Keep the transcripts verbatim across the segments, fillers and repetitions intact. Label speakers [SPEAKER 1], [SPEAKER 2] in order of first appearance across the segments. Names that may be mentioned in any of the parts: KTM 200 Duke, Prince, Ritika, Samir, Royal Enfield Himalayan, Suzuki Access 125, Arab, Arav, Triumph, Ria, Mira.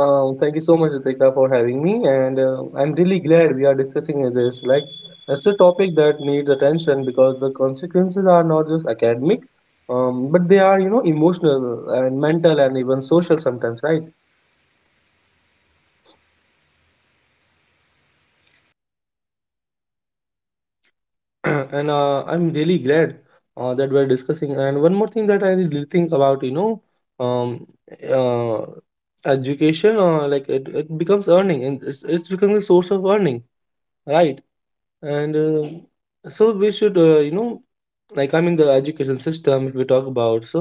[SPEAKER 1] Um, thank you so much, Ritika, for having me. And uh, I'm really glad we are discussing this. Like, it's a topic that needs attention because the consequences are not just academic, um, but they are, you know, emotional and mental and even social sometimes, right? and uh, I'm really glad uh, that we're discussing. And one more thing that I really think about, you know, um, uh, education, uh, like it, it becomes earning and it's, it's becoming a source of earning, right? And uh, So we should, uh, you know, like, I mean, the education system, if we talk about. So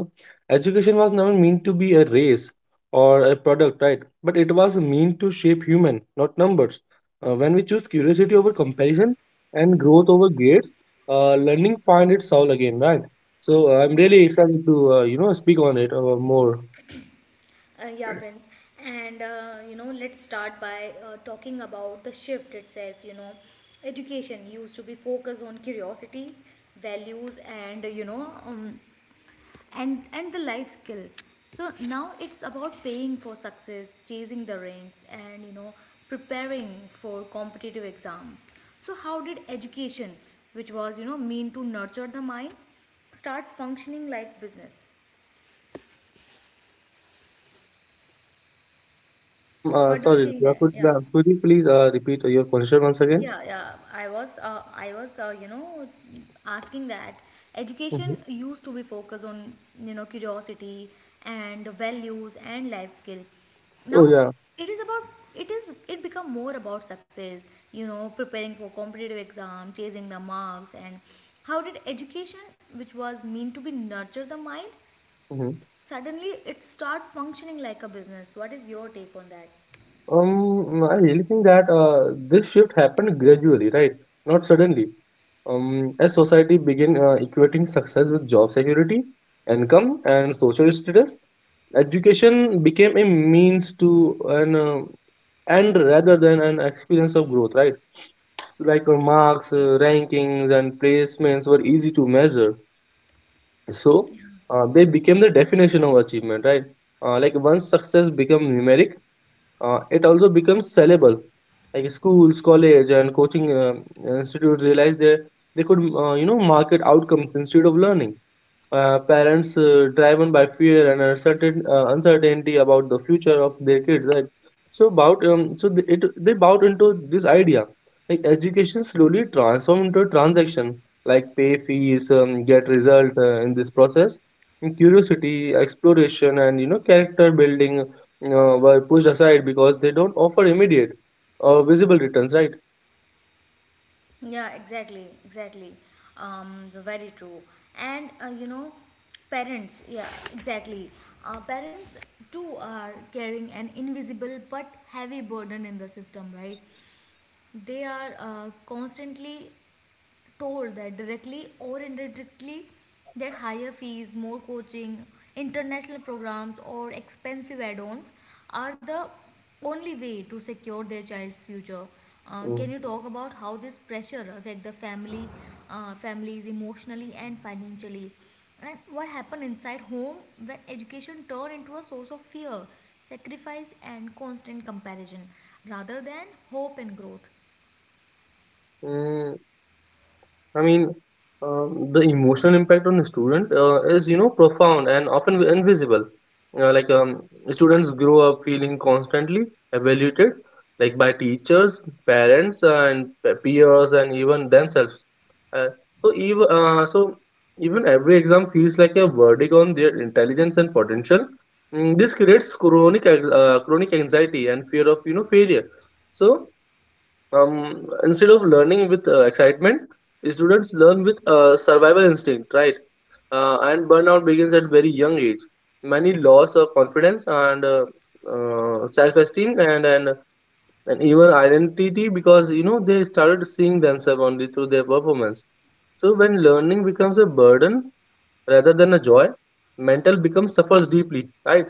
[SPEAKER 1] education was never meant to be a race or a product, right? But it was meant to shape human, not numbers. Uh, when we choose curiosity over comparison and growth over grades, uh, learning find its soul again, right? So uh, I'm
[SPEAKER 2] Yeah,
[SPEAKER 1] really
[SPEAKER 2] very true.
[SPEAKER 1] excited to uh, you know speak on it uh, more.
[SPEAKER 2] Uh, yeah, Prince. And uh, you know, let's start by uh, talking about the shift itself. You know, education used to be focused on curiosity, values, and uh, you know, um, and and the life skill. So now it's about paying for success, chasing the ranks, and you know, preparing for competitive exams. So how did education, which was you know, mean to nurture the mind, start functioning like business?
[SPEAKER 1] Um uh,
[SPEAKER 2] What do you
[SPEAKER 1] sorry,
[SPEAKER 2] think there?
[SPEAKER 1] could,
[SPEAKER 2] Yeah.
[SPEAKER 1] could you please uh, repeat your question once again?
[SPEAKER 2] Yeah, yeah. I was, uh, I was, uh, you know, asking that education
[SPEAKER 1] Mhm.
[SPEAKER 2] used to be focused on, you know, curiosity and values and life skill.
[SPEAKER 1] Oh
[SPEAKER 2] Now
[SPEAKER 1] yeah.
[SPEAKER 2] it is about, it is, it become more about success. You know, preparing for competitive exam, chasing the marks, and how did education, which was meant to be nurture the mind,
[SPEAKER 1] Hmm.
[SPEAKER 2] suddenly it start functioning like a business? What is your take on that?
[SPEAKER 1] Um, I really think that uh, this shift happened gradually, right? Not suddenly. Um, as society began uh, equating success with job security, income, and social status, education became a means to an uh, end rather than an experience of growth, right? So like uh, marks, uh, rankings, and placements were easy to measure. So uh, they became the definition of achievement, right? Uh, like once success became numeric, uh, it also becomes sellable. Like schools, college, and coaching um institutes realize they they could uh, you know market outcomes instead of learning. Uh, parents uh, driven by fear and uncertain, uh, uncertainty about the future of their kids, right. so about um, so they, it, They bought into this idea. Like education slowly transformed into a transaction, like pay fees, um, get result, uh, in this process. And curiosity exploration and you know character building uh, were pushed aside because they don't offer immediate or visible returns, right.
[SPEAKER 2] Yeah, exactly, exactly. Um, very true. And uh, you know, parents, yeah, exactly. Uh, parents too are carrying an invisible but heavy burden in the system, right? They are uh, constantly told that directly or indirectly that higher fees, more coaching, international programs, or expensive add ons are the only way to secure their child's future. Uh, can
[SPEAKER 1] Mm.
[SPEAKER 2] you talk about how this pressure affect the family, uh, families emotionally and financially, and what happened inside home when education turned into a source of fear, sacrifice, and constant comparison rather than hope and growth?
[SPEAKER 1] Mm, I mean, um, the emotional impact on the student uh, is, you know, profound and often invisible. Uh, like um, Students grow up feeling constantly evaluated, like by teachers, parents, and pe- peers, and even themselves. Uh, so even uh, so even Every exam feels like a verdict on their intelligence and potential. Mm, this creates chronic ex- uh, chronic anxiety and fear of you know failure. So um, instead of learning with uh, excitement, students learn with uh, survival instinct, right? Uh, and burnout begins at very young age. Many loss of confidence and uh, uh, self-esteem, and, and and even identity because you know they started seeing themselves only through their performance. So when learning becomes a burden rather than a joy, mental becomes suffers deeply, right?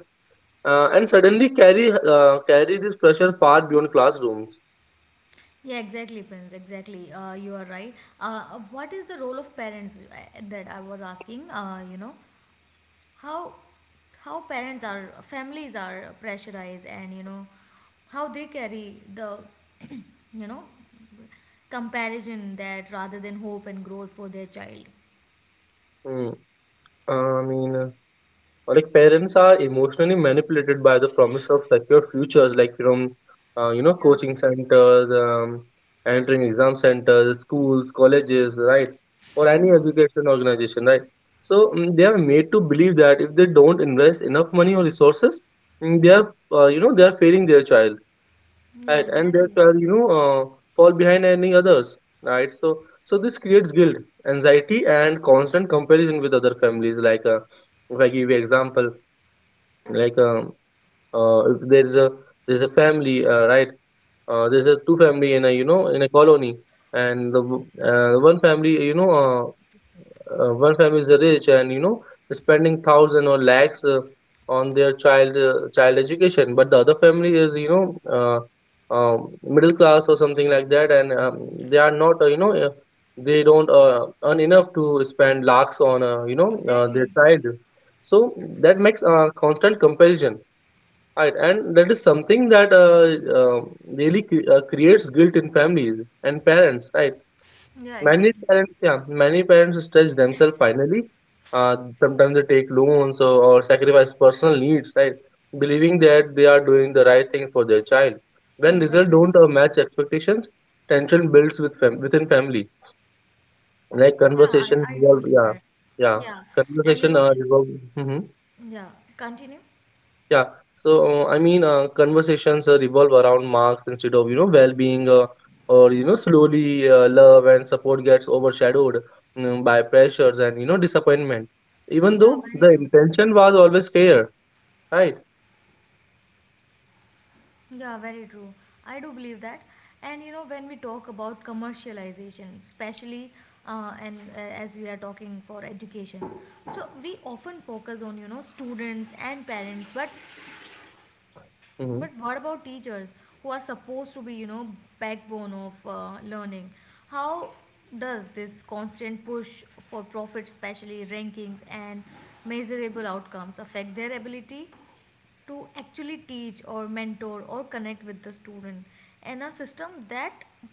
[SPEAKER 1] Uh, and suddenly carry uh, carry this pressure far beyond classrooms.
[SPEAKER 2] Yeah, exactly, Prince. Exactly. Uh, you are right. Uh, what is the role of parents uh, that I was asking? Uh, you know, how how parents are families are pressurized, and you know how they carry the you know comparison that rather than hope and growth for their child.
[SPEAKER 1] Mm. I mean. uh, Or like, parents are emotionally manipulated by the promise of secure futures, like from uh, you know
[SPEAKER 2] Yeah.
[SPEAKER 1] coaching centers, um, entering exam centers, schools, colleges, right, or any
[SPEAKER 2] Yeah.
[SPEAKER 1] education organization, right. So mm, they are made to believe that if they don't invest enough money or resources, mm, they are uh, you know they are failing their child,
[SPEAKER 2] Yeah.
[SPEAKER 1] right, and their
[SPEAKER 2] Exactly.
[SPEAKER 1] child, you know uh, fall behind any others, right. So so this creates guilt, anxiety, and constant comparison with other families, like. Uh, if I give you example, like, um, uh, if there's a there's a family, uh, right uh, there's a two family in a, you know in a colony, and the w- uh, one family you know uh, uh, one family is rich and you know spending thousand or lakhs uh, on their child uh, child education, but the other family is you know uh, um, middle class or something like that, and um, they are not. Uh, you know uh, they don't uh, earn enough to spend lakhs on uh, you know uh, their
[SPEAKER 2] Exactly.
[SPEAKER 1] child. So that makes a constant comparison. Right, and that is something that uh, uh, really cre- uh, creates guilt in families and parents, right?
[SPEAKER 2] Yeah.
[SPEAKER 1] Many
[SPEAKER 2] Exactly.
[SPEAKER 1] parents, yeah, many parents stretch themselves finally. Uh, sometimes they take loans, or, or sacrifice personal needs, right? Believing that they are doing the right thing for their child.
[SPEAKER 2] Yeah,
[SPEAKER 1] When results don't
[SPEAKER 2] definitely.
[SPEAKER 1] uh, match expectations, tension builds with fam- within family. Like
[SPEAKER 2] Yeah. I
[SPEAKER 1] conversation,
[SPEAKER 2] I do
[SPEAKER 1] resolve,
[SPEAKER 2] believe
[SPEAKER 1] yeah,
[SPEAKER 2] that.
[SPEAKER 1] yeah,
[SPEAKER 2] Yeah. And you
[SPEAKER 1] conversation,
[SPEAKER 2] know
[SPEAKER 1] uh,
[SPEAKER 2] if
[SPEAKER 1] resolve.
[SPEAKER 2] yeah continue.
[SPEAKER 1] Yeah. So, uh, I mean, uh, conversations uh, revolve around marks instead of, you know, well-being, uh, or, you know, slowly uh, love and support gets overshadowed, mm, by pressures and, you know, disappointment. Even
[SPEAKER 2] Yeah,
[SPEAKER 1] though
[SPEAKER 2] very
[SPEAKER 1] the
[SPEAKER 2] true.
[SPEAKER 1] intention was always clear, right?
[SPEAKER 2] Yeah, very true. I do believe that. And you know, when we talk about commercialization, especially uh, and uh, as we are talking for education, so we often focus on you know students and parents, but
[SPEAKER 1] Mm-hmm.
[SPEAKER 2] but what about teachers who are supposed to be you know backbone of uh, learning? How does this constant push for profit, especially rankings and measurable outcomes, affect their ability to actually teach or mentor or connect with the student and a system that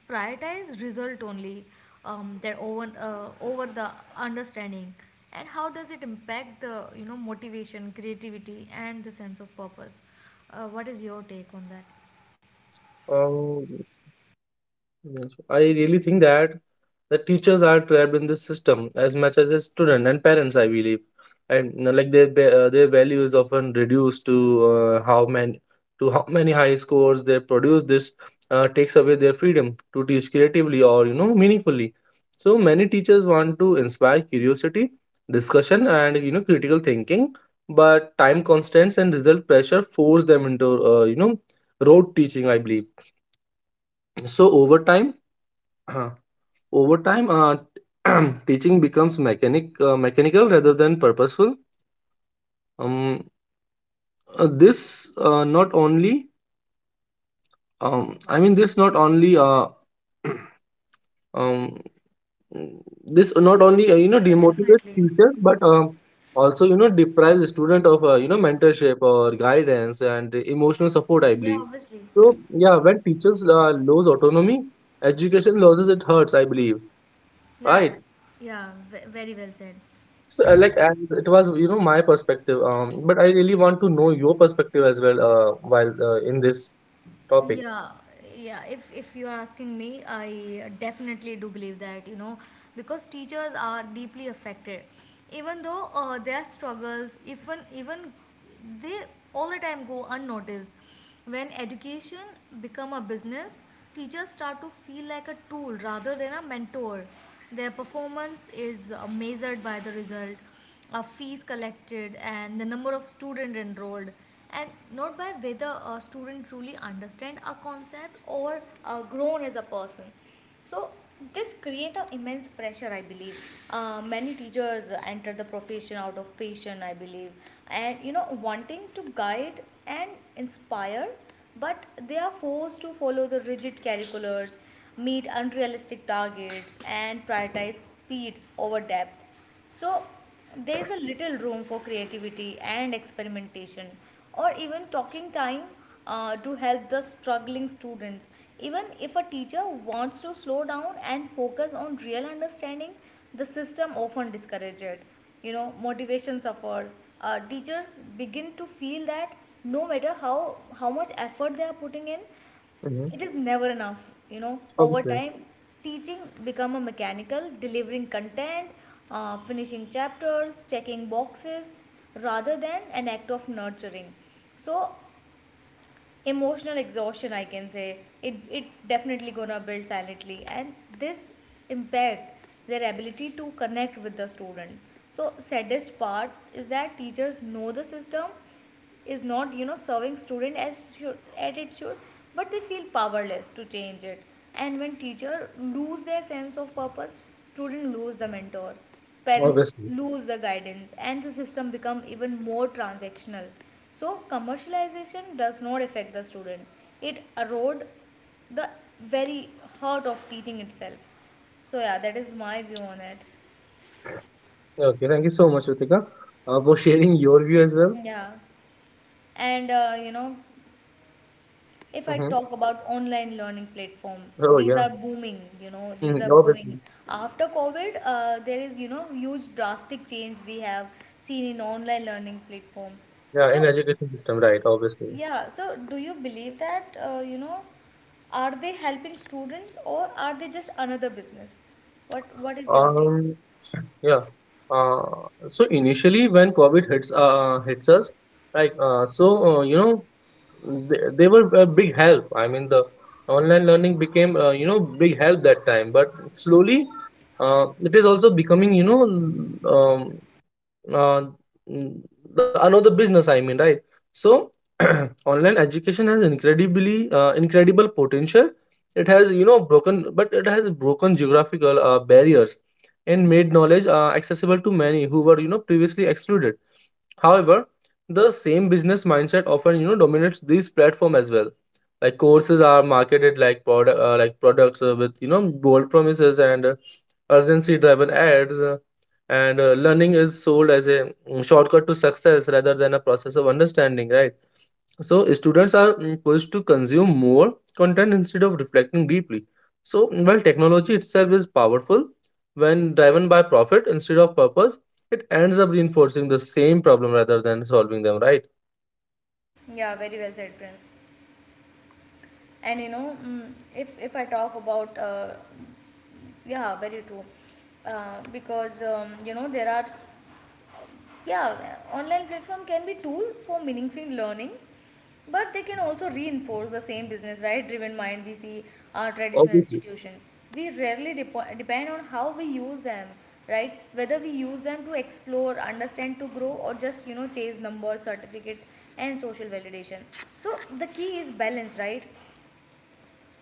[SPEAKER 2] prioritize result only um, their over uh, over the understanding and how does it impact the you know motivation creativity and the sense of purpose uh, what is your take on that
[SPEAKER 1] Yes, I really think that the teachers are trapped in this system as much as the student and parents, I believe. And you know, like, their ba- uh, their value is often reduced to uh, how many to how many high scores they produce. This uh, takes away their freedom to teach creatively or you know meaningfully. So many teachers want to inspire curiosity, discussion, and you know critical thinking, but time constraints and result pressure force them into uh, you know rote teaching, I believe. So over time. Over time, uh, teaching becomes mechanic, uh, mechanical rather than purposeful. Um, uh, this uh, not only, um, I mean, this not only, uh, um, this not only uh, you know
[SPEAKER 2] yeah,
[SPEAKER 1] demotivates
[SPEAKER 2] definitely
[SPEAKER 1] teacher, but um, also you know deprives student of uh, you know mentorship or guidance and emotional support. I
[SPEAKER 2] yeah
[SPEAKER 1] believe.
[SPEAKER 2] obviously
[SPEAKER 1] So yeah, when teachers uh, lose autonomy, education loses. It hurts, I believe,
[SPEAKER 2] yeah
[SPEAKER 1] right?
[SPEAKER 2] yeah ve- very well said.
[SPEAKER 1] So, uh, like, and it was, you know, my perspective. Um, but I really want to know your perspective as well, uh, while uh, in this topic.
[SPEAKER 2] Yeah, yeah. If if you're asking me, I definitely do believe that, you know, because teachers are deeply affected. Even though uh, their struggles, even even they all the time go unnoticed. When education become a business, teachers start to feel like a tool rather than a mentor. Their performance is uh, measured by the result uh, fees collected and the number of student enrolled and not by whether a student truly understand a concept or uh, grown as a person so this create an immense pressure I believe. Uh, many teachers enter the profession out of passion I believe and you know wanting to guide and inspire but they are forced to follow the rigid curriculums, meet unrealistic targets and prioritize speed over depth so there is a little room for creativity and experimentation, or even talking time uh, to help the struggling students. Even if a teacher wants to slow down and focus on real understanding, the system often discourages it. You know, motivation suffers. Uh, teachers begin to feel that no matter how how much effort they are putting in,
[SPEAKER 1] Mm-hmm.
[SPEAKER 2] it is never enough, you know. Over
[SPEAKER 1] Obviously,
[SPEAKER 2] time, teaching become a mechanical, delivering content, uh, finishing chapters, checking boxes, rather than an act of nurturing. So emotional exhaustion, I can say, it it definitely gonna build silently, and this impact their ability to connect with the students. So saddest part is that teachers know the system is not you know serving student as should, as it should but they feel powerless to change it and when teacher lose their sense of purpose student lose the mentor parents
[SPEAKER 1] obviously.
[SPEAKER 2] lose the guidance and the system become even more transactional so commercialization does not affect the student it erode the very heart of teaching itself so yeah that is my view on it
[SPEAKER 1] Okay, thank you so much, Ritika, uh, for sharing your view as well.
[SPEAKER 2] yeah and uh, you know if I
[SPEAKER 1] Mm-hmm.
[SPEAKER 2] talk about online learning platform,
[SPEAKER 1] Oh
[SPEAKER 2] these
[SPEAKER 1] yeah,
[SPEAKER 2] are booming, you know, these
[SPEAKER 1] mm,
[SPEAKER 2] are booming.
[SPEAKER 1] obviously.
[SPEAKER 2] After COVID, uh, there is, you know, huge drastic change we have seen in online learning platforms.
[SPEAKER 1] Yeah, in
[SPEAKER 2] So,
[SPEAKER 1] education system, right? Obviously.
[SPEAKER 2] yeah, so do you believe that, uh, you know, are they helping students or are they just another business? What what is your take?
[SPEAKER 1] Um, yeah. Uh, so initially, when COVID hits uh, hits us. like uh, so, uh, you know, they, they were a big help. I mean, the online learning became uh, you know big help that time. But slowly, uh, it is also becoming you know um, uh, n- the another business, I mean, right. So, online education has incredibly uh, incredible potential. It has, you know broken but it has broken geographical uh, barriers, and made knowledge uh, accessible to many who were, you know previously excluded. However, the same business mindset often you know dominates these platform as well. Like courses are marketed like product uh, like products, uh, with you know bold promises and uh, urgency driven ads, uh, and uh, learning is sold as a mm, shortcut to success rather than a process of understanding, right. So students are mm, pushed to consume more content instead of reflecting deeply. So while technology itself is powerful, when driven by profit instead of purpose, it ends up reinforcing the same problem rather than solving them, right?
[SPEAKER 2] Yeah, very well said, Prince. And you know, mm, if if I talk about, uh, yeah, very true. Uh, because um, you know there are yeah online platform can be tool for meaningful learning but they can also reinforce the same business right driven mind we see our traditional
[SPEAKER 1] Obviously.
[SPEAKER 2] institution we rarely dep- depend on how we use them right whether we use them to explore understand to grow or just you know chase numbers certificate and social validation so the key is balance right.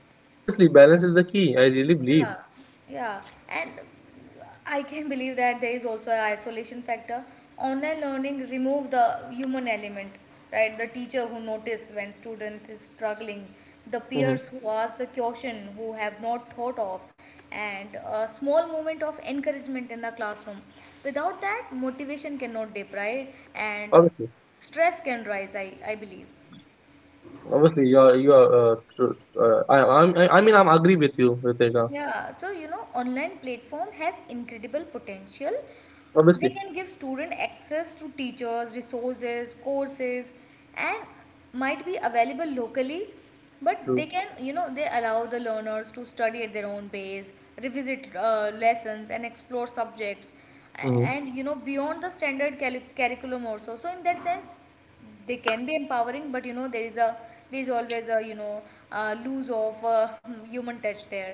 [SPEAKER 1] Yeah, obviously balance is the key. I really believe.
[SPEAKER 2] Yeah, yeah, and I can believe that there is also an isolation factor. Online learning remove the human element, right? The teacher who notice when student is struggling, the
[SPEAKER 1] Hmm.
[SPEAKER 2] peers who ask the question who have not thought of, and a small moment of encouragement in the classroom. Without that, motivation cannot dip, right? And
[SPEAKER 1] Obviously.
[SPEAKER 2] stress can rise. I I believe.
[SPEAKER 1] Obviously, you're you're uh, true. Uh, I I'm, I I mean, I'm agree with you, Ritika.
[SPEAKER 2] Yeah, so you know, online platform has incredible potential they
[SPEAKER 1] Obviously,
[SPEAKER 2] can give student access to teachers resources courses and might be available locally but
[SPEAKER 1] true.
[SPEAKER 2] they can you know they allow the learners to study at their own pace revisit uh, lessons and explore subjects a-
[SPEAKER 1] Hmm.
[SPEAKER 2] and you know beyond the standard cali- curriculum also so in that sense they can be empowering but you know there is a there is always a you know uh, lose of uh, human touch there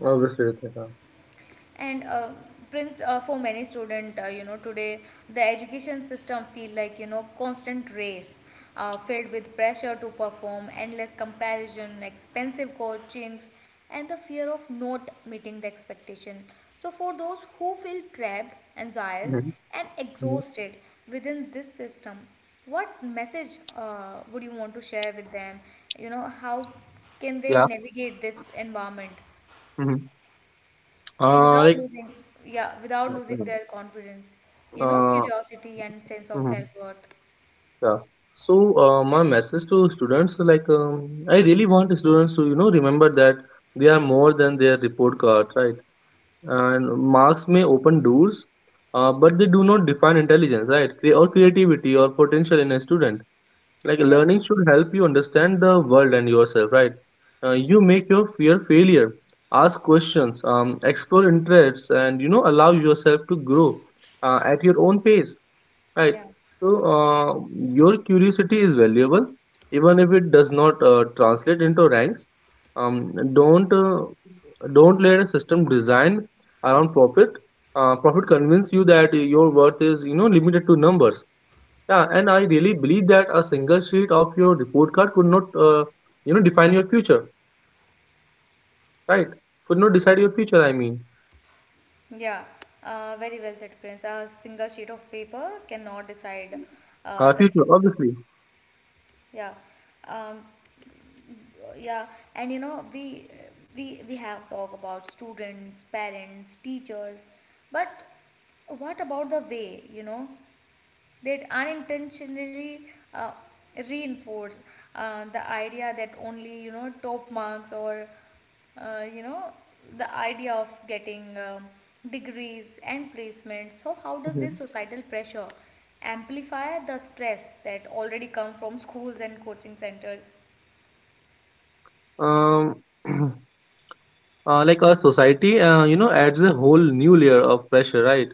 [SPEAKER 1] Obviously, Ritika.
[SPEAKER 2] and uh, prince uh, for many student uh, you know today the education system feel like you know constant race uh, filled with pressure to perform endless comparison expensive coachings and the fear of not meeting the expectation so for those who feel trapped anxious
[SPEAKER 1] Hmm.
[SPEAKER 2] and
[SPEAKER 1] Hmm.
[SPEAKER 2] exhausted within this system what message uh, would you want to share with them you know how can they
[SPEAKER 1] Yeah.
[SPEAKER 2] navigate this environment
[SPEAKER 1] Hmm. Uh,
[SPEAKER 2] without losing yeah without losing
[SPEAKER 1] like.
[SPEAKER 2] their confidence you know
[SPEAKER 1] Uh,
[SPEAKER 2] curiosity and sense of
[SPEAKER 1] mhm,
[SPEAKER 2] self-worth.
[SPEAKER 1] yeah. So uh, my message to students, like, um, I really want students to you know remember that they are more than their report card, right? And marks may open doors, uh, but they do not define intelligence, right? Cre- Or creativity or potential in a student. Like
[SPEAKER 2] Yeah,
[SPEAKER 1] learning should help you understand the world and yourself, right? Uh, you make your fear failure. Ask questions, um, explore interests, and you know allow yourself to grow uh, at your own pace. Right.
[SPEAKER 2] yeah,
[SPEAKER 1] So, uh, your curiosity is valuable, even if it does not uh, translate into ranks. Um, don't uh, don't let a system design around profit. Uh, profit convince you that your worth is you know limited to numbers. Yeah, and I really believe that a single sheet of your report card could not uh, you know define your future. Right? Could not decide your future, I mean.
[SPEAKER 2] yeah. Uh, very well said, Prince. A single sheet of paper cannot decide uh,
[SPEAKER 1] Uh,
[SPEAKER 2] the
[SPEAKER 1] future,
[SPEAKER 2] future.
[SPEAKER 1] obviously.
[SPEAKER 2] Yeah, um, yeah. And you know, we we we have talked about students, parents, teachers, but what about the way? You know, that unintentionally uh, reinforce uh, the idea that only you know top marks or uh, you know the idea of getting um, degrees and placements so how does
[SPEAKER 1] Mhm.
[SPEAKER 2] this societal pressure amplify the stress that already come from schools and coaching centers
[SPEAKER 1] Um. uh, like our society uh, you know adds a whole new layer of pressure, right.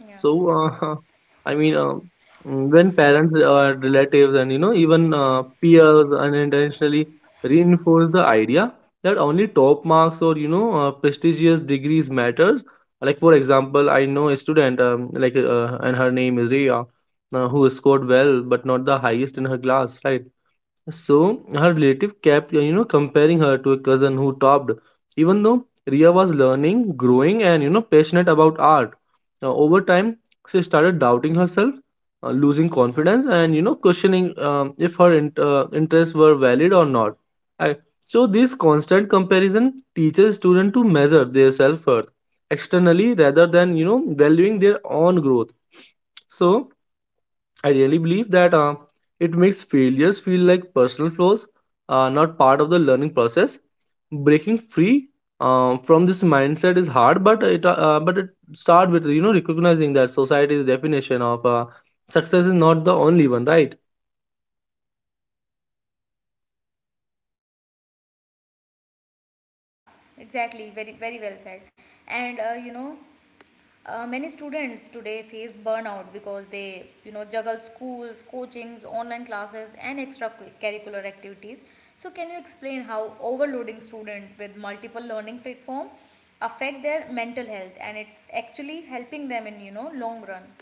[SPEAKER 2] yeah.
[SPEAKER 1] So uh, I mean, um, mm, when parents or relatives and you know even uh, peers unintentionally reinforce the idea that only top marks or you know uh, prestigious degrees matters. Like, for example, I know a student, um, like uh, and her name is Ria, uh, who scored well but not the highest in her class, right. So her relative kept, you know, comparing her to a cousin who topped, even though Ria was learning, growing, and, you know, passionate about art. Uh, over time, she started doubting herself, uh, losing confidence, and, you know, questioning um, if her in- uh, interests were valid or not. And so, this constant comparison teaches students to measure their self worth externally rather than, you know, valuing their own growth. So, I really believe that uh, it makes failures feel like personal flaws, uh, not part of the learning process. Breaking free um, from this mindset is hard, but it uh, uh, but it start with you know recognizing that society's definition of uh, success is not the only one, right?
[SPEAKER 2] Yeah, exactly. Very, very well said. And uh, you know, uh, many students today face burnout because they, you know, juggle schools, coachings, online classes, and extracurricular activities. So, can you explain how overloading students with multiple learning platform affect their mental health and it's actually helping them in, you know, long run?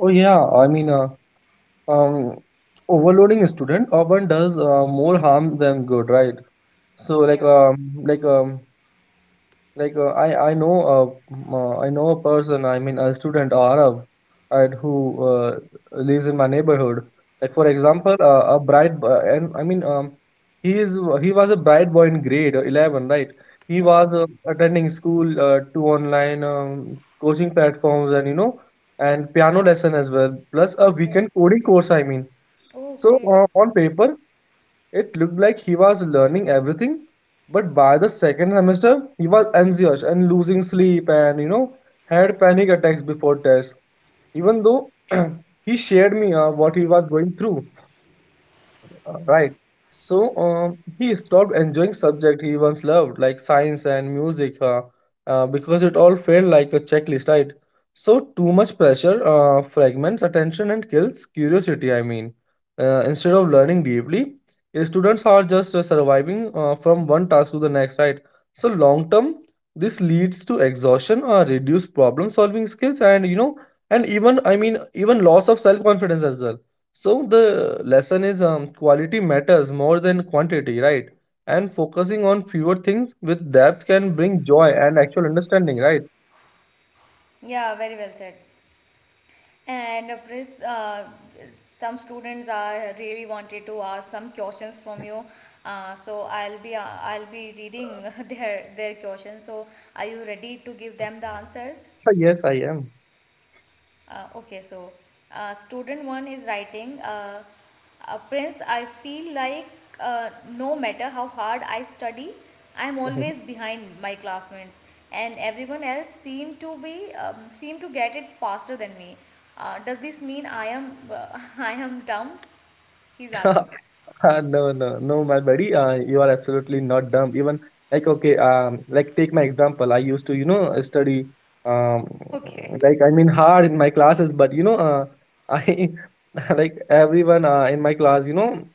[SPEAKER 1] Oh yeah, I mean, uh, um, overloading a student often does uh, more harm than good, right? So, like,
[SPEAKER 2] Yeah.
[SPEAKER 1] um, like um, like uh, I I know a m- uh, I know a person, I mean a student or Arab, right, who uh, lives in my neighborhood. Like, for
[SPEAKER 2] Okay.
[SPEAKER 1] example, uh, a bright b- and I mean, um he is he was a bright boy in grade eleven, right. He was
[SPEAKER 2] Okay.
[SPEAKER 1] uh, attending school, uh, to online, um, coaching platforms, and, you know, and piano lesson as well, plus a
[SPEAKER 2] Okay.
[SPEAKER 1] weekend coding course, I mean.
[SPEAKER 2] Oh,
[SPEAKER 1] So,
[SPEAKER 2] great.
[SPEAKER 1] uh, on paper it looked like he was learning everything, but by the second semester, he was anxious and losing sleep and, you know, had panic attacks before tests. Even though he shared me uh, what he was going through, uh, right. So, um, he stopped enjoying subject he once loved, like science and music, uh, uh, because it all felt like a checklist, right? So too much pressure uh, fragments attention and kills curiosity. I mean, uh, instead of learning deeply, uh, students are just uh, surviving uh, from one task to the next, right? So long term, this leads to exhaustion, uh, reduced problem solving skills, and, you know, and even, I mean, even loss of self confidence as well. So the lesson is, um, quality matters more than quantity, right? And focusing on fewer things with depth can bring joy and actual understanding, right?
[SPEAKER 2] Yeah, very well said. And uh, Pris, uh, some students are really wanted to ask some questions from you. Uh, so I'll be uh, I'll be reading their their questions. So are you ready to give them the answers?
[SPEAKER 1] Ah, yes, I am.
[SPEAKER 2] Uh, okay, so uh, student one is writing, uh, uh, Prince, I feel like uh, no matter how hard I study, I'm
[SPEAKER 1] Mhm.
[SPEAKER 2] always behind my classmates, and everyone else seem to be um, seem to get it faster than me. Uh, does this mean I am uh, I am dumb? He's asking.
[SPEAKER 1] Uh, no, no, no, my buddy. Uh, you are absolutely not dumb. Even, like, okay, um, like, take my example. I used to, you know, study, um,
[SPEAKER 2] Okay.
[SPEAKER 1] like I mean, hard in my classes. But, you know, uh, I like everyone uh, in my class, you know.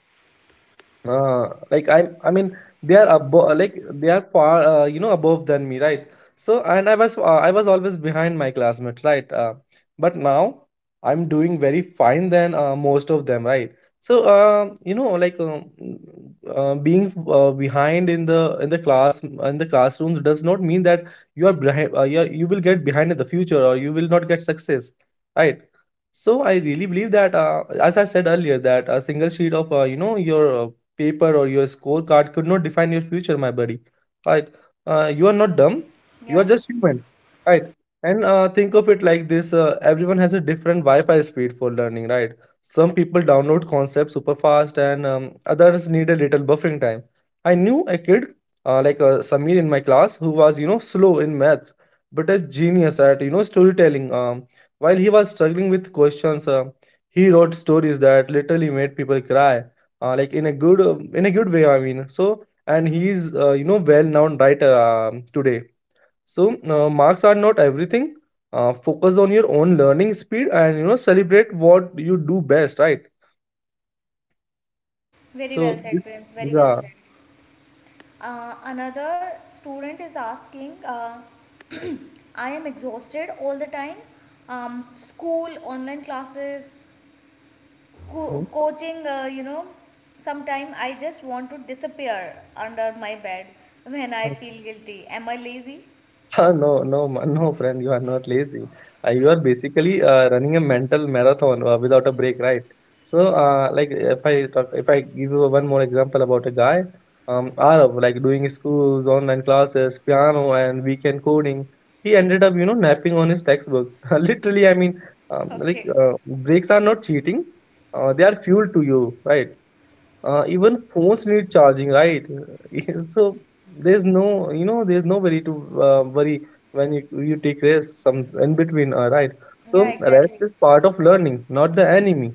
[SPEAKER 1] Uh, like I'm, I mean, they are above, like they are far, uh, you know, above than me, right? So, and I was, uh, I was always behind my classmates, right? Uh, but now I'm doing very fine than uh, most of them, right? So, uh, you know, like, um, uh, being uh, behind in the in the class in the classrooms does not mean that you are behind, uh, you are, you will get behind in the future or you will not get success, right? So I really believe that, uh, as I said earlier, that a single sheet of uh, you know your uh, paper or your scorecard could not define your future, my buddy. Right? Uh, you are not dumb. You are
[SPEAKER 2] Yeah.
[SPEAKER 1] just human. Right? And uh, think of it like this: uh, everyone has a different Wi-Fi speed for learning. Right? Some people download concepts super fast, and, um, others need a little buffering time. I knew a kid, uh, like uh, Samir in my class, who was, you know slow in maths, but a genius at, you know storytelling. Um, while he was struggling with questions, um he wrote stories that literally made people cry, uh, like in a good, uh, in a good way, I mean. So, and he's, uh, you know well known writer, um today. So uh, marks are not everything. Uh, focus on your own learning speed, and, you know celebrate what you do best, right?
[SPEAKER 2] Very well
[SPEAKER 1] So this.
[SPEAKER 2] said, Prince. Very well
[SPEAKER 1] Yeah.
[SPEAKER 2] said. Uh, another student is asking, uh, I am exhausted all the time. Um, school, online classes, co-
[SPEAKER 1] Hmm?
[SPEAKER 2] coaching, uh, you know, sometimes I just want to disappear under my bed when I feel guilty. Am I lazy?
[SPEAKER 1] Ah, no, no, ma- no, friend, you are not lazy. Uh, you are basically uh, running a mental marathon uh, without a break, right? So, uh, like, if I talk, if I give you one more example about a guy, um, Arav, like doing schools, online classes, piano, and weekend coding, he ended up, you know, napping on his textbook. Literally, I mean. um, like,
[SPEAKER 2] Okay.
[SPEAKER 1] uh, breaks are not cheating; uh, they are fuel to you, right? Uh, even phones need charging, right? So there's no you know there's no worry to uh, worry when you, you take rest some in between, uh, right.
[SPEAKER 2] Yeah,
[SPEAKER 1] So rest
[SPEAKER 2] exactly.
[SPEAKER 1] is part of learning, not the enemy.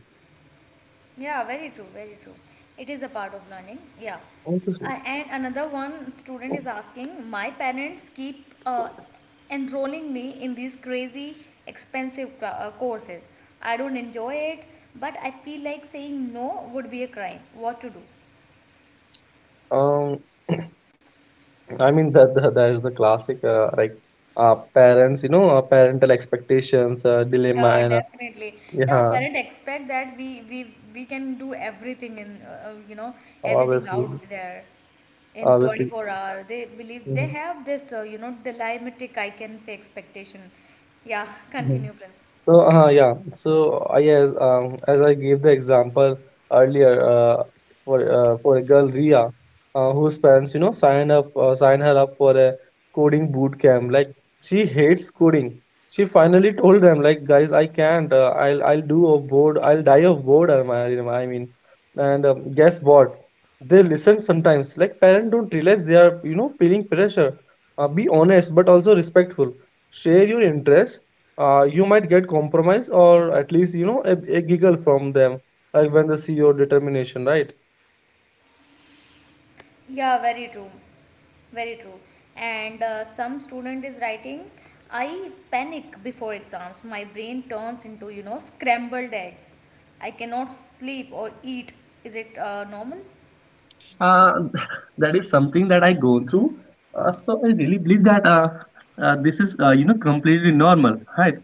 [SPEAKER 2] Yeah, very true, very true. It is a part of learning. Yeah.
[SPEAKER 1] Obviously.
[SPEAKER 2] Uh, and another one student is asking, my parents keep uh, enrolling me in these crazy expensive cla- uh, courses. I don't enjoy it, but I feel like saying no would be a crime. What to do?
[SPEAKER 1] um I mean, that that, that is the classic, uh, like, uh, parents, you know uh, parental expectations, uh, dilemma,
[SPEAKER 2] Yeah,
[SPEAKER 1] and uh,
[SPEAKER 2] definitely. Yeah,
[SPEAKER 1] yeah.
[SPEAKER 2] parent expect that we we we can do everything in uh, uh, you know everything
[SPEAKER 1] Obviously.
[SPEAKER 2] out there in
[SPEAKER 1] Obviously.
[SPEAKER 2] twenty-four hour. They believe they
[SPEAKER 1] Mhm,
[SPEAKER 2] have this uh, you know delimitic I can say expectation. Yeah,
[SPEAKER 1] mhm.
[SPEAKER 2] continue, Prince.
[SPEAKER 1] So, uh, yeah, so I, as um, as I gave the example earlier, uh, for uh, for a girl, Ria, uh, whose parents, you know, sign up uh, sign her up for a coding boot camp. Like, she hates coding. She finally told them, like, guys, I can't. Uh, I'll I'll do of bored. I'll die of boredom. I, I mean, and, um, guess what? They listen sometimes. Like, parents don't realize they are, you know feeling pressure. Uh, be honest, but also respectful. Share your interests. Uh, You might get compromise, or at least, you know a, a giggle from them, like when they see your determination, right?
[SPEAKER 2] Yeah, very true. Very true. And uh, some student is writing, I panic before exams. My brain turns into, you know, scrambled eggs. I cannot sleep or eat. Is it uh, normal?
[SPEAKER 1] uh, that is something that I go through. Uh, so I really believe that, uh, uh, this is, uh, you know completely normal, right?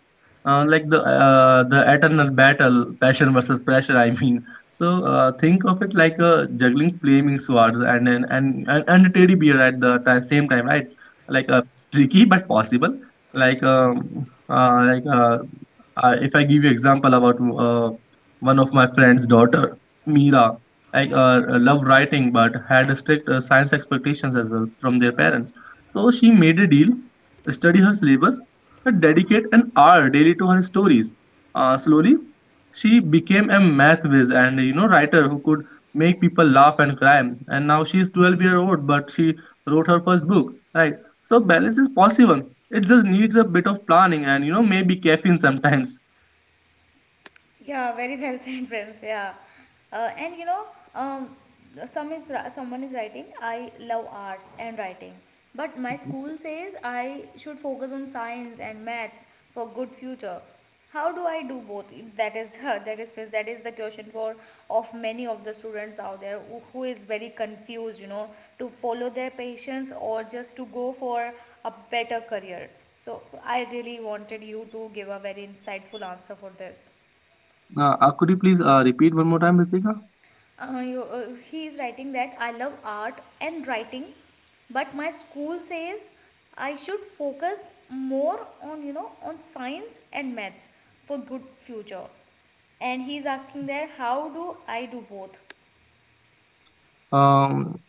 [SPEAKER 1] Uh, like the uh, the eternal battle, passion versus pressure, I mean. So uh, think of it like a juggling flaming swords and and and, and and a teddy bear at the ti- same time, right? Like, uh, tricky but possible. Like um, uh, like uh, uh, if I give you example about uh, one of my friend's daughter, Mira. I, uh, uh, love writing, but had strict uh, science expectations as well from their parents. So she made a deal, study her syllabus, but dedicate an hour daily to her stories. Uh, slowly, she became a math whiz and, you know writer who could make people laugh and cry. And now she is twelve year old, but she wrote her first book. Right. So balance is possible. It just needs a bit of planning and, you know maybe caffeine sometimes.
[SPEAKER 2] Yeah, very well said, Prince. Yeah, uh, and you know, um, some is ri- someone is writing. I love arts and writing, but my school says I should focus on science and maths for good future. How do I do both? That is that is Prince. That is the question for of many of the students out there who, who is very confused. You know, to follow their passions or just to go for a better career. So I really wanted you to give a very insightful answer for this.
[SPEAKER 1] Uh, uh, could you please uh, repeat one more time, Ritika?
[SPEAKER 2] Uh, you, uh, he is writing that I love art and writing, but my school says I should focus more on you know on science and maths for good future. And he is asking there how do I do both?
[SPEAKER 1] Um,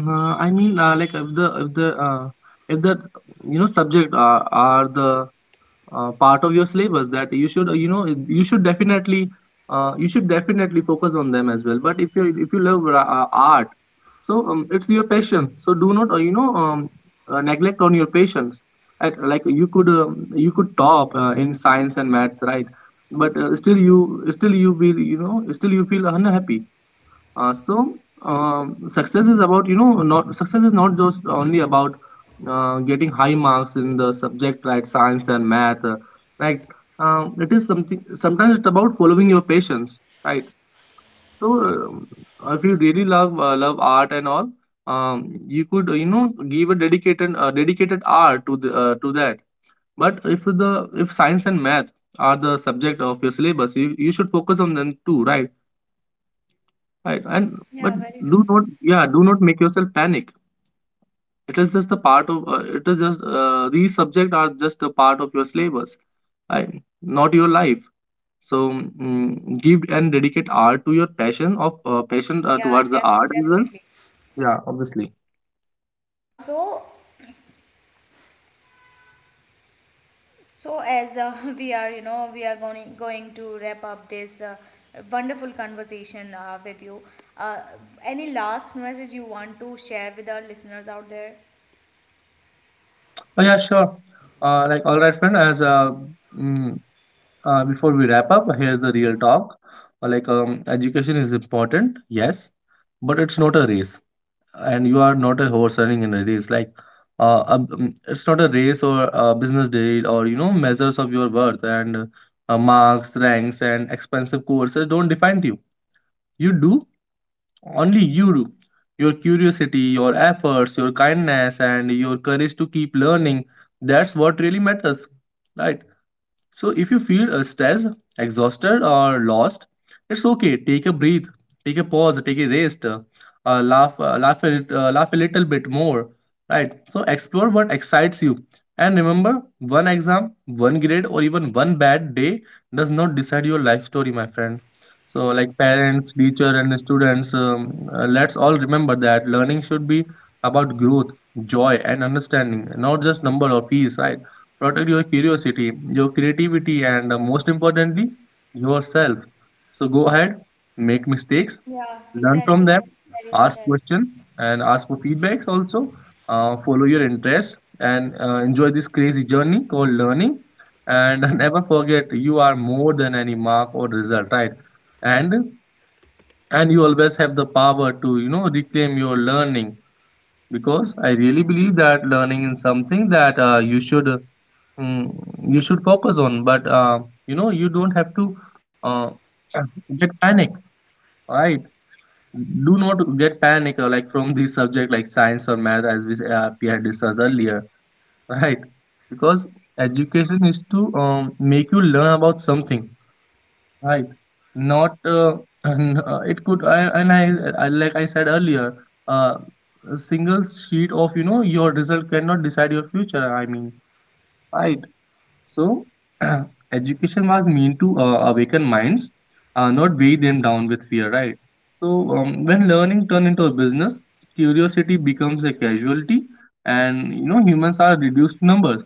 [SPEAKER 1] Uh, I mean, uh, like, if the if the uh, if that, you know, subject, uh, are the, uh, part of your syllabus that you should uh, you know you should definitely, uh, you should definitely focus on them as well. But if you if you love ra- uh, art, so, um, it's your passion. So do not, uh, you know um, uh, neglect on your passions. At, like, you could um, you could top uh, in science and math, right? But uh, still you still you will, you know, still you feel unhappy, uh, so, um, success is about you know not success is not just only about uh, getting high marks in the subject like science and math, uh, right. um, it is something, sometimes it's about following your passions, right? So, um, if you really love uh, love art and all, um, you could, uh, you know give a dedicated, uh, dedicated hour to the, uh, to that. But if the if science and math are the subject of your syllabus, you, you should focus on them too, right? Right, and but
[SPEAKER 2] Yeah, very true.
[SPEAKER 1] do not, yeah, do not make yourself panic. It is just a part of, uh, it is just, uh, these subjects are just a part of your syllabus, right? Not your life. So, mm, give and dedicate art to your passion of, uh, passion, uh,
[SPEAKER 2] Yeah,
[SPEAKER 1] towards the
[SPEAKER 2] def-
[SPEAKER 1] art as well.
[SPEAKER 2] definitely.
[SPEAKER 1] Yeah, obviously.
[SPEAKER 2] Uh, so So as uh, we are, you know, we are going going to wrap up this uh, wonderful conversation uh, with you. Uh, any last message you want to share with our listeners out there?
[SPEAKER 1] Oh, yeah, sure. Uh, like, all right, friend. As uh, mm, uh, Before we wrap up, here's the real talk. Uh, like, um, education is important, yes, but it's not a race. And you are not a horse running in a race, like, uh, a b- mm, it's not a race or a business deal or, you know, measures of your worth. And uh, marks, ranks, and expensive courses don't define you. You do, only you do. Your curiosity, your efforts, your kindness, and your courage to keep learning, that's what really matters, right? So if you feel, uh, stressed, exhausted, or lost, it's okay. Take a breath, take a pause, take a rest, uh, uh, laugh, uh, laugh, a, lit- uh, laugh a little bit more, right? So explore what excites you, and remember, one exam, one grade, or even one bad day does not decide your life story, my friend. So, like parents, teacher, and students, um, uh, let's all remember that learning should be about growth, joy, and understanding, not just number or fees, right? Protect your curiosity, your creativity, and, uh, most importantly, yourself. So go ahead, make mistakes,
[SPEAKER 2] Yeah,
[SPEAKER 1] learn from
[SPEAKER 2] exactly.
[SPEAKER 1] them,
[SPEAKER 2] Very very well
[SPEAKER 1] ask
[SPEAKER 2] said.
[SPEAKER 1] questions, and ask for feedbacks also. Uh, follow your interest, and uh, enjoy this crazy journey called learning. And never forget, you are more than any mark or result, right? And and you always have the power to, you know, reclaim your learning, because I really believe that learning is something that, uh, you should, mm, you should focus on. But, uh, you know you don't have to, uh, get panic, right? Do not get panic, uh, like from the subject like science or math, as we uh, we had discussed earlier. Right? Because education is to, um, make you learn about something, right? Not, uh, and, uh, it could I, and I, I like I said earlier, uh, a single sheet of, you know, your result cannot decide your future, I mean. Right. So, education was meant to, uh, awaken minds, uh, not weigh them down with fear, right? So, um, when learning turns into a business, curiosity becomes a casualty, and, you know, humans are reduced to numbers.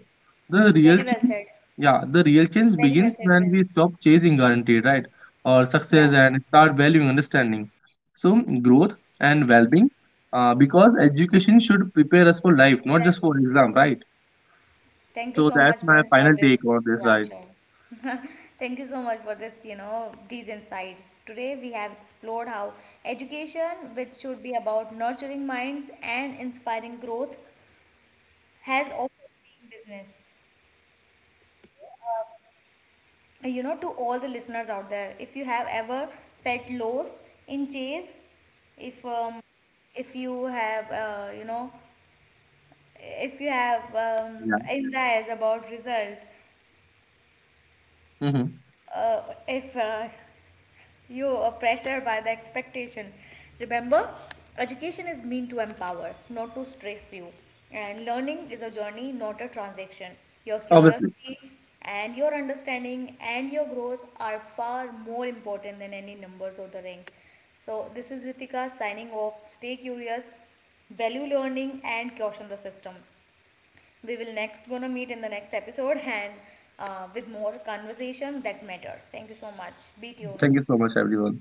[SPEAKER 1] The
[SPEAKER 2] Very
[SPEAKER 1] real
[SPEAKER 2] well said.
[SPEAKER 1] change, yeah, the real change
[SPEAKER 2] Very well
[SPEAKER 1] begins
[SPEAKER 2] said,
[SPEAKER 1] when
[SPEAKER 2] Prince.
[SPEAKER 1] we stop chasing guarantee, right, or
[SPEAKER 2] Yeah.
[SPEAKER 1] success, and start valuing understanding. So, growth and well-being, uh, because education should prepare us for life, not just
[SPEAKER 2] Exactly.
[SPEAKER 1] for exam, right?
[SPEAKER 2] Thank you
[SPEAKER 1] So
[SPEAKER 2] so much,
[SPEAKER 1] that's my
[SPEAKER 2] Prince, for
[SPEAKER 1] final take
[SPEAKER 2] this.
[SPEAKER 1] on this,
[SPEAKER 2] Yeah,
[SPEAKER 1] right?
[SPEAKER 2] sure. Thank you so much for this, you know, these insights. Today we have explored how education, which should be about nurturing minds and inspiring growth, has often been business. So, Uh, you know, to all the listeners out there, if you have ever felt lost in chase, if um, if you have uh, you know if you have um,
[SPEAKER 1] Yeah.
[SPEAKER 2] anxieties about result
[SPEAKER 1] Mm-hmm.
[SPEAKER 2] uh, if uh, you are pressured by the expectation remember education is meant to empower not to stress you and learning is a journey not a transaction your
[SPEAKER 1] Obviously.
[SPEAKER 2] curiosity and your understanding and your growth are far more important than any numbers or the rank so this is ritika signing off stay curious value learning and caution the system we will next gonna meet in the next episode and uh, with more conversation that matters thank you so much be tuned
[SPEAKER 1] Thank you so much, everyone.